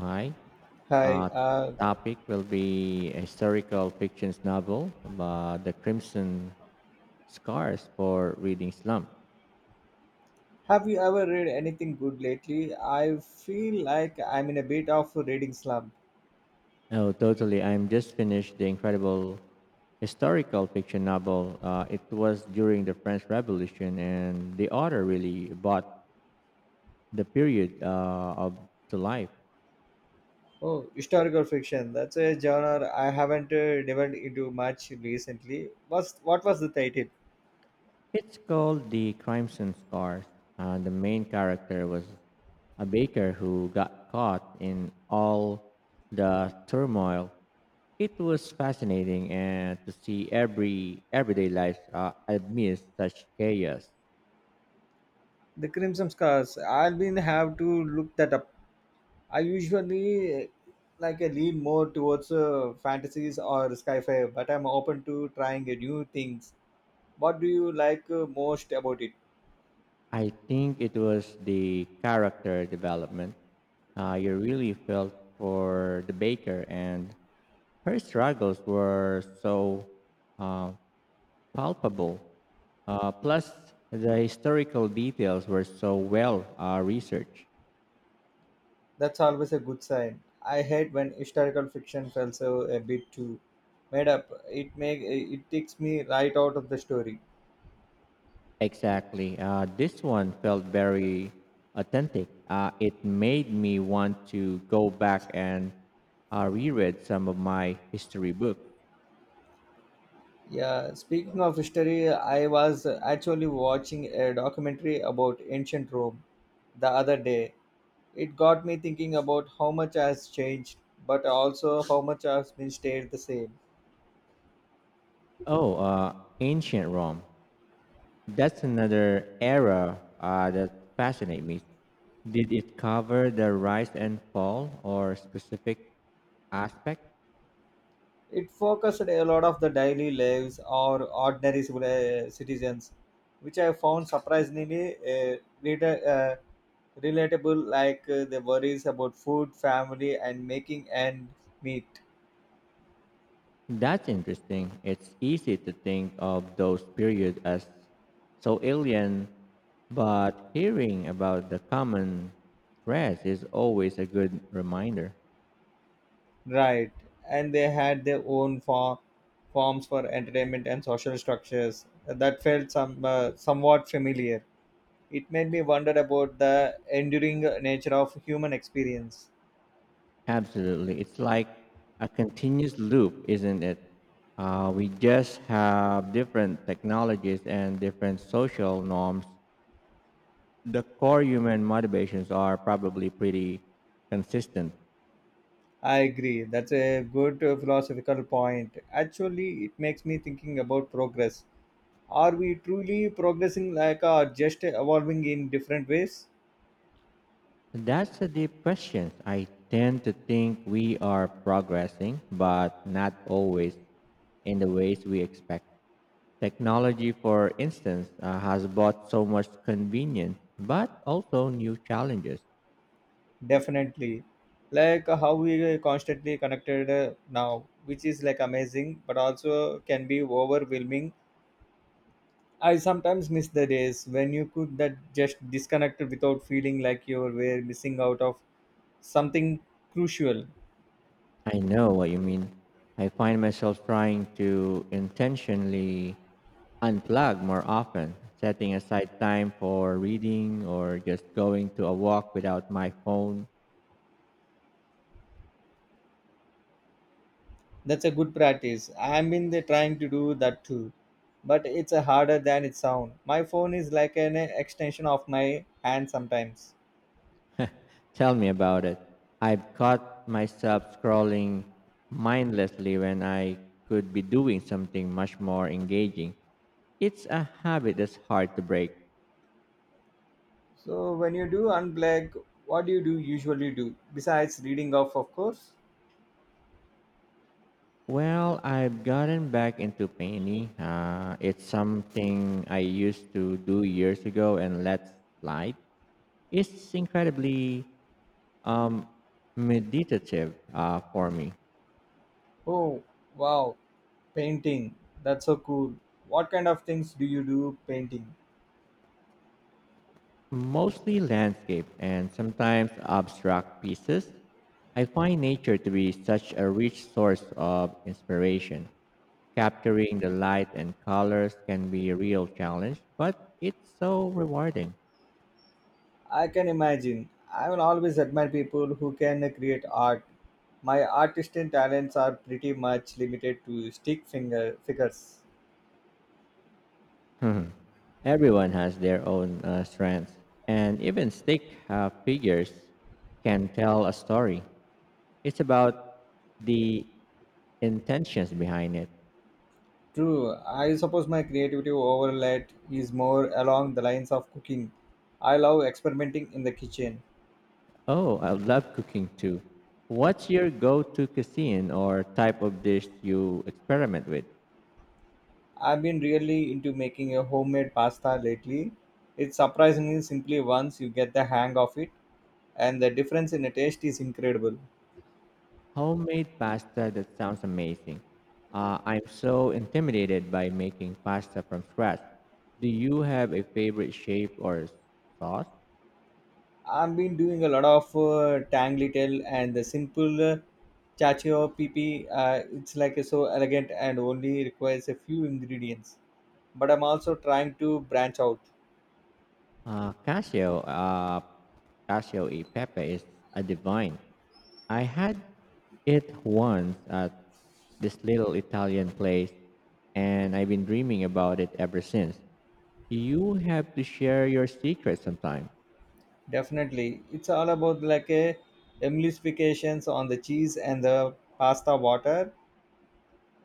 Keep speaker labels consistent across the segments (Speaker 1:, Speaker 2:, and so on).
Speaker 1: Hi.
Speaker 2: Hi,
Speaker 1: Uh, Topic will be a historical fiction's novel, The Crimson Scars for Reading Slump.
Speaker 2: have you ever read anything good lately? I feel like I'm in a bit of a reading slump.
Speaker 1: Oh, totally. I'm just finished the incredible historical fiction novel. It was during the French Revolution, and the author really brought the period of to life.
Speaker 2: Oh, historical fiction. That's a genre I haven't delved into much recently. What was the title?
Speaker 1: It's called The Crimson Scars. The main character was a baker who got caught in all the turmoil. It was fascinating and to see everyday life amidst such chaos.
Speaker 2: The Crimson Scars. I'll be have to look that up. I usually like I lean more towards fantasies or sci-fi, but I'm open to trying new things. What do you like most about it?
Speaker 1: I think it was the character development. You really felt for the baker, and her struggles were so uh, palpable. Plus, the historical details were so well researched.
Speaker 2: That's always a good sign. I hate when historical fiction feels so a bit too made up. It make it takes me right out of the story.
Speaker 1: Exactly. This one felt very authentic. It made me want to go back and reread some of my history book.
Speaker 2: Yeah, speaking of history, I was actually watching a documentary about ancient Rome the other day. It got me thinking about how much has changed, but also how much has been stayed the same.
Speaker 1: Oh, ancient Rome. That's another era that fascinates me. Did it cover the rise and fall or specific aspect?
Speaker 2: It focused a lot of the daily lives or ordinary citizens, which I found surprisingly uh, reader, uh, relatable, like the worries about food, family, and making and meet.
Speaker 1: That's interesting. It's easy to think of those periods as so alien, but hearing about the common threads is always a good reminder.
Speaker 2: Right. And they had their forms for entertainment and social structures that felt somewhat familiar. It made me wonder about the enduring nature of human experience.
Speaker 1: Absolutely. It's like a continuous loop, isn't it? We just have different technologies and different social norms. The core human motivations are probably pretty consistent.
Speaker 2: I agree. That's a good philosophical point. Actually, it makes me thinking about progress. Are we truly progressing like or just evolving in different ways?
Speaker 1: That's a deep question. I tend to think we are progressing, but not always in the ways we expect. Technology, for instance, has brought so much convenience, but also new challenges.
Speaker 2: Definitely. Like how we are constantly connected now, which is like amazing, but also can be overwhelming. I sometimes miss the days when you could that just disconnected without feeling like you were missing out of something crucial.
Speaker 1: I know what you mean. I find myself trying to intentionally unplug more often, setting aside time for reading or just going to a walk without my phone.
Speaker 2: That's a good practice. I'm in the trying to do that too, but it's harder than it sounds. My phone is like an extension of my hand sometimes.
Speaker 1: Tell me about it. I've caught myself scrolling mindlessly when I could be doing something much more engaging. It's a habit that's hard to break.
Speaker 2: So when you do unplug, what do you do usually do besides reading off, of course?
Speaker 1: Well, I've gotten back into painting. It's something I used to do years ago and let slide. It's incredibly um, meditative for me.
Speaker 2: Oh, wow, painting. That's so cool. What kind of things do you do painting?
Speaker 1: Mostly landscape and sometimes abstract pieces. I find nature to be such a rich source of inspiration. Capturing the light and colors can be a real challenge, but it's so rewarding.
Speaker 2: I can imagine. I will always admire people who can create art. My artistic talents are pretty much limited to stick finger figures.
Speaker 1: Hmm. Everyone has their own strengths, and even stick figures can tell a story. It's about the intentions behind it.
Speaker 2: True, I suppose my creativity overlap is more along the lines of cooking. I love experimenting in the kitchen.
Speaker 1: Oh, I love cooking too. What's your go to cuisine or type of dish you experiment with?
Speaker 2: I've been really into making a homemade pasta lately. It's surprisingly simply once you get the hang of it, and the difference in the taste is incredible.
Speaker 1: Homemade pasta, that sounds amazing. I'm so intimidated by making pasta from scratch. Do you have a favorite shape or sauce?
Speaker 2: I've been doing a lot of tang little and the simple chacho pipi. It's like so elegant and only requires a few ingredients. But I'm also trying to branch out.
Speaker 1: Uh, Casio, uh, Casio e Pepe is a divine. I had it once at this little Italian place, and I've been dreaming about it ever since. You have to share your secret sometime.
Speaker 2: Definitely, it's all about like a emulsifications on the cheese and the pasta water.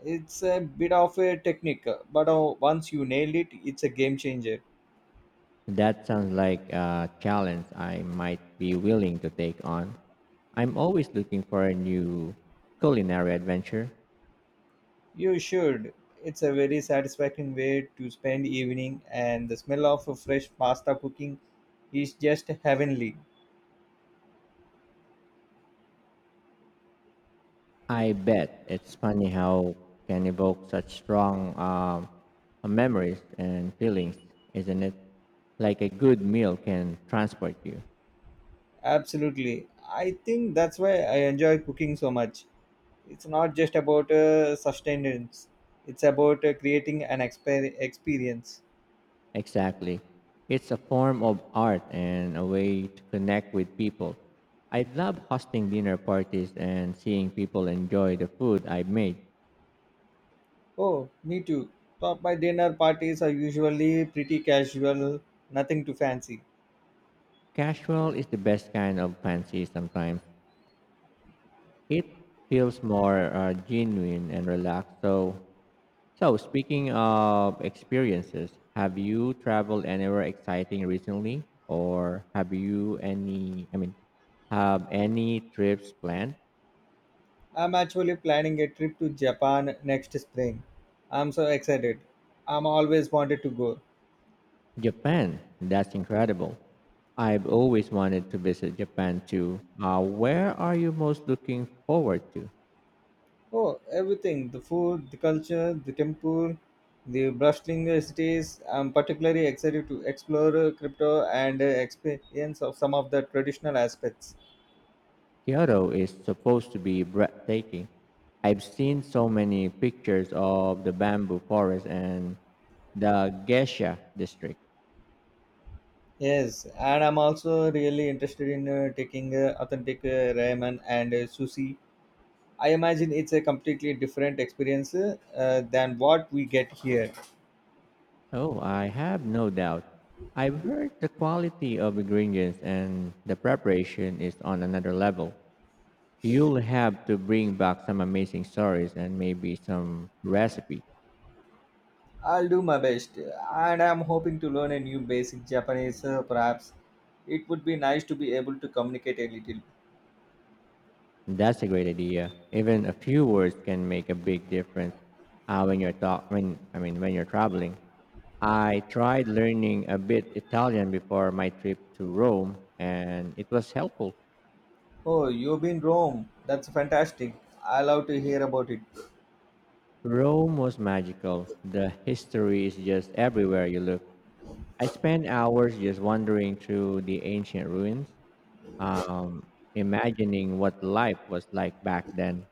Speaker 2: It's a bit of a technique, but once you nail it, it's a game changer.
Speaker 1: That sounds like a challenge I might be willing to take on. I'm always looking for a new culinary adventure.
Speaker 2: You should. It's a very satisfying way to spend evening, and the smell of a fresh pasta cooking is just heavenly.
Speaker 1: I bet it's funny how can evoke such strong memories and feelings, isn't it? Like a good meal can transport you.
Speaker 2: Absolutely. I think that's why I enjoy cooking so much. It's not just about sustenance, it's about creating an experience.
Speaker 1: Exactly. It's a form of art and a way to connect with people. I love hosting dinner parties and seeing people enjoy the food I made.
Speaker 2: Oh, me too. But my dinner parties are usually pretty casual, nothing too fancy.
Speaker 1: Casual is the best kind of fancy sometimes. It feels more genuine and relaxed, so So, speaking of experiences, have you traveled anywhere exciting recently, or have you any? I mean, have any trips planned?
Speaker 2: I'm actually planning a trip to Japan next spring. I'm so excited. I'm always wanted to go.
Speaker 1: Japan, that's incredible. I've always wanted to visit Japan too. Where are you most looking forward to?
Speaker 2: Oh, everything the food, the culture, the temple, the bustling cities. I'm particularly excited to explore crypto and experience of some of the traditional aspects.
Speaker 1: Kyoto is supposed to be breathtaking. I've seen so many pictures of the bamboo forest and the geisha district.
Speaker 2: Yes, and I'm also really interested in taking authentic ramen and sushi. I imagine it's a completely different experience than what we get here.
Speaker 1: Oh, I have no doubt. I've heard the quality of ingredients and the preparation is on another level. You'll have to bring back some amazing stories and maybe some recipe.
Speaker 2: I'll do my best, and I'm hoping to learn a new basic Japanese. Perhaps it would be nice to be able to communicate a little.
Speaker 1: That's a great idea. Even a few words can make a big difference when you're traveling. I tried learning a bit Italian before my trip to Rome, and it was helpful.
Speaker 2: Oh, you've been Rome. That's fantastic. I love to hear about it.
Speaker 1: Rome was magical. The history is just everywhere you look. I spent hours just wandering through the ancient ruins, imagining what life was like back then.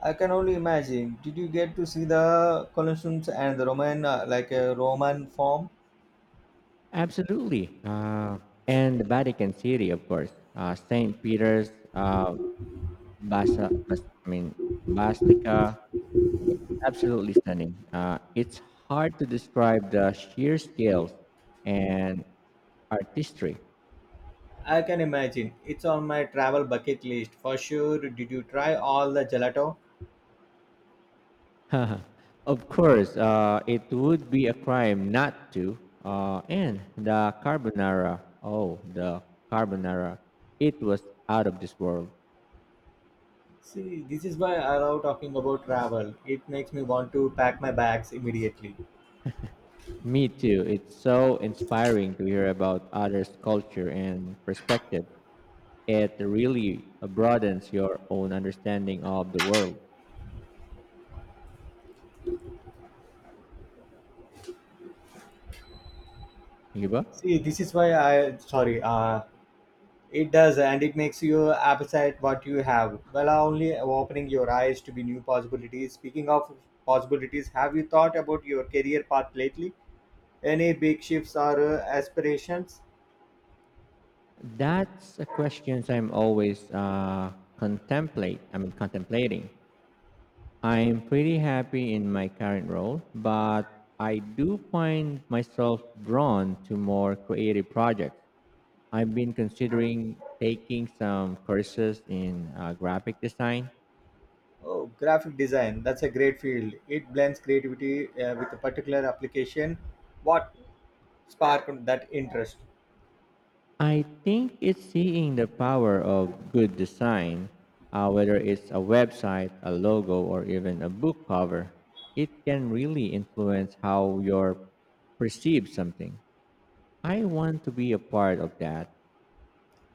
Speaker 2: I can only imagine. Did you get to see the Colosseums and the like a Roman form?
Speaker 1: Absolutely. And the Vatican City, of course. St. Peter's Basa, Bas- I mean, Basilica. Absolutely stunning. It's hard to describe the sheer scales and artistry.
Speaker 2: I can imagine. It's on my travel bucket list for sure. Did you try all the gelato?
Speaker 1: Of course, it would be a crime not to. And the carbonara, it was out of this world.
Speaker 2: See, this is why I love talking about travel. It makes me want to pack my bags immediately.
Speaker 1: Me too. It's so inspiring to hear about others' culture and perspective. It really broadens your own understanding of the world. Yuba?
Speaker 2: See, this is why I sorry. It does, and it makes you appreciate what you have. Well, only opening your eyes to be new possibilities. Speaking of possibilities, have you thought about your career path lately? Any big shifts or aspirations?
Speaker 1: That's a question I'm always contemplate. I mean, contemplating. I'm pretty happy in my current role, but I do find myself drawn to more creative projects. I've been considering taking some courses in graphic design.
Speaker 2: Oh, graphic design. That's a great field. It blends creativity with a particular application. What sparked that interest?
Speaker 1: I think it's seeing the power of good design, whether it's a website, a logo, or even a book cover. It can really influence how you're perceived something. I want to be a part of that.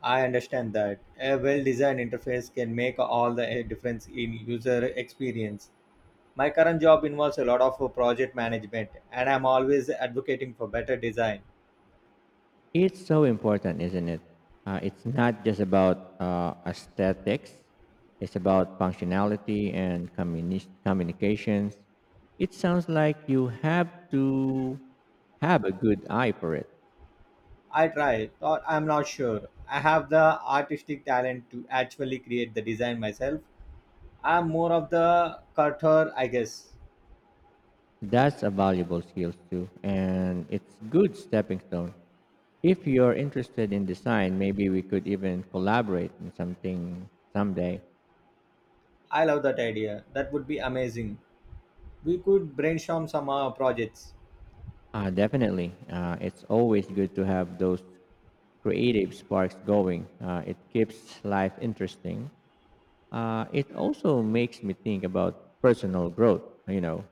Speaker 2: I understand that a well-designed interface can make all the difference in user experience. My current job involves a lot of project management, and I'm always advocating for better design.
Speaker 1: It's so important, isn't it? It's not just about aesthetics, it's about functionality and communications. It sounds like you have to have a good eye for it.
Speaker 2: I try, but I'm not sure. I have the artistic talent to actually create the design myself. I'm more of the cutter, I guess.
Speaker 1: That's a valuable skill too, and it's good stepping stone. If you're interested in design, maybe we could even collaborate in something someday.
Speaker 2: I love that idea. That would be amazing. We could brainstorm some projects.
Speaker 1: Definitely. It's always good to have those creative sparks going. It keeps life interesting. It also makes me think about personal growth, you know,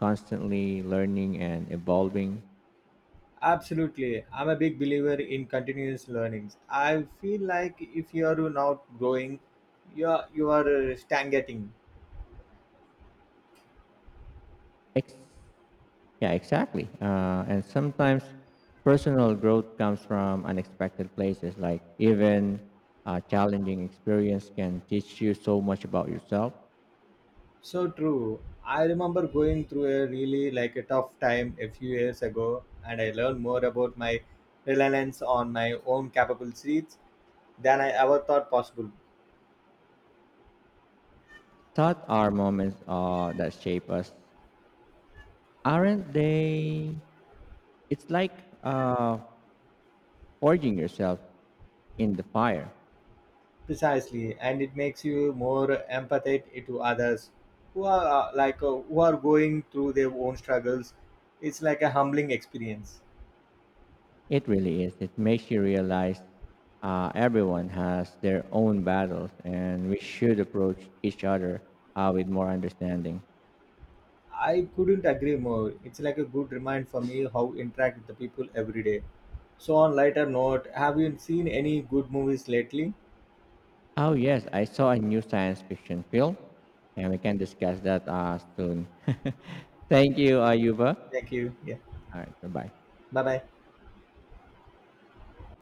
Speaker 1: constantly learning and evolving.
Speaker 2: Absolutely. I'm a big believer in continuous learnings. I feel like if you are not growing, you are stagnating.
Speaker 1: Ex- yeah, exactly. And sometimes personal growth comes from unexpected places, like even a challenging experience can teach you so much about yourself.
Speaker 2: So true. I remember going through a really like a tough time a few years ago, and I learned more about my reliance on my own capabilities than I ever thought possible.
Speaker 1: Thought are moments that shape us, aren't they? It's like uh, forging yourself in the fire.
Speaker 2: Precisely, and it makes you more empathetic to others who are who are going through their own struggles. It's like a humbling experience.
Speaker 1: It really is. It makes you realize everyone has their own battles, and we should approach each other with more understanding.
Speaker 2: I couldn't agree more. It's like a good reminder for me how interact with the people every day. So on lighter note, have you seen any good movies lately?
Speaker 1: Oh yes, I saw a new science fiction film, and we can discuss that soon. Thank you, Ayuba.
Speaker 2: Thank you. Yeah.
Speaker 1: All right, bye-bye.
Speaker 2: Bye bye.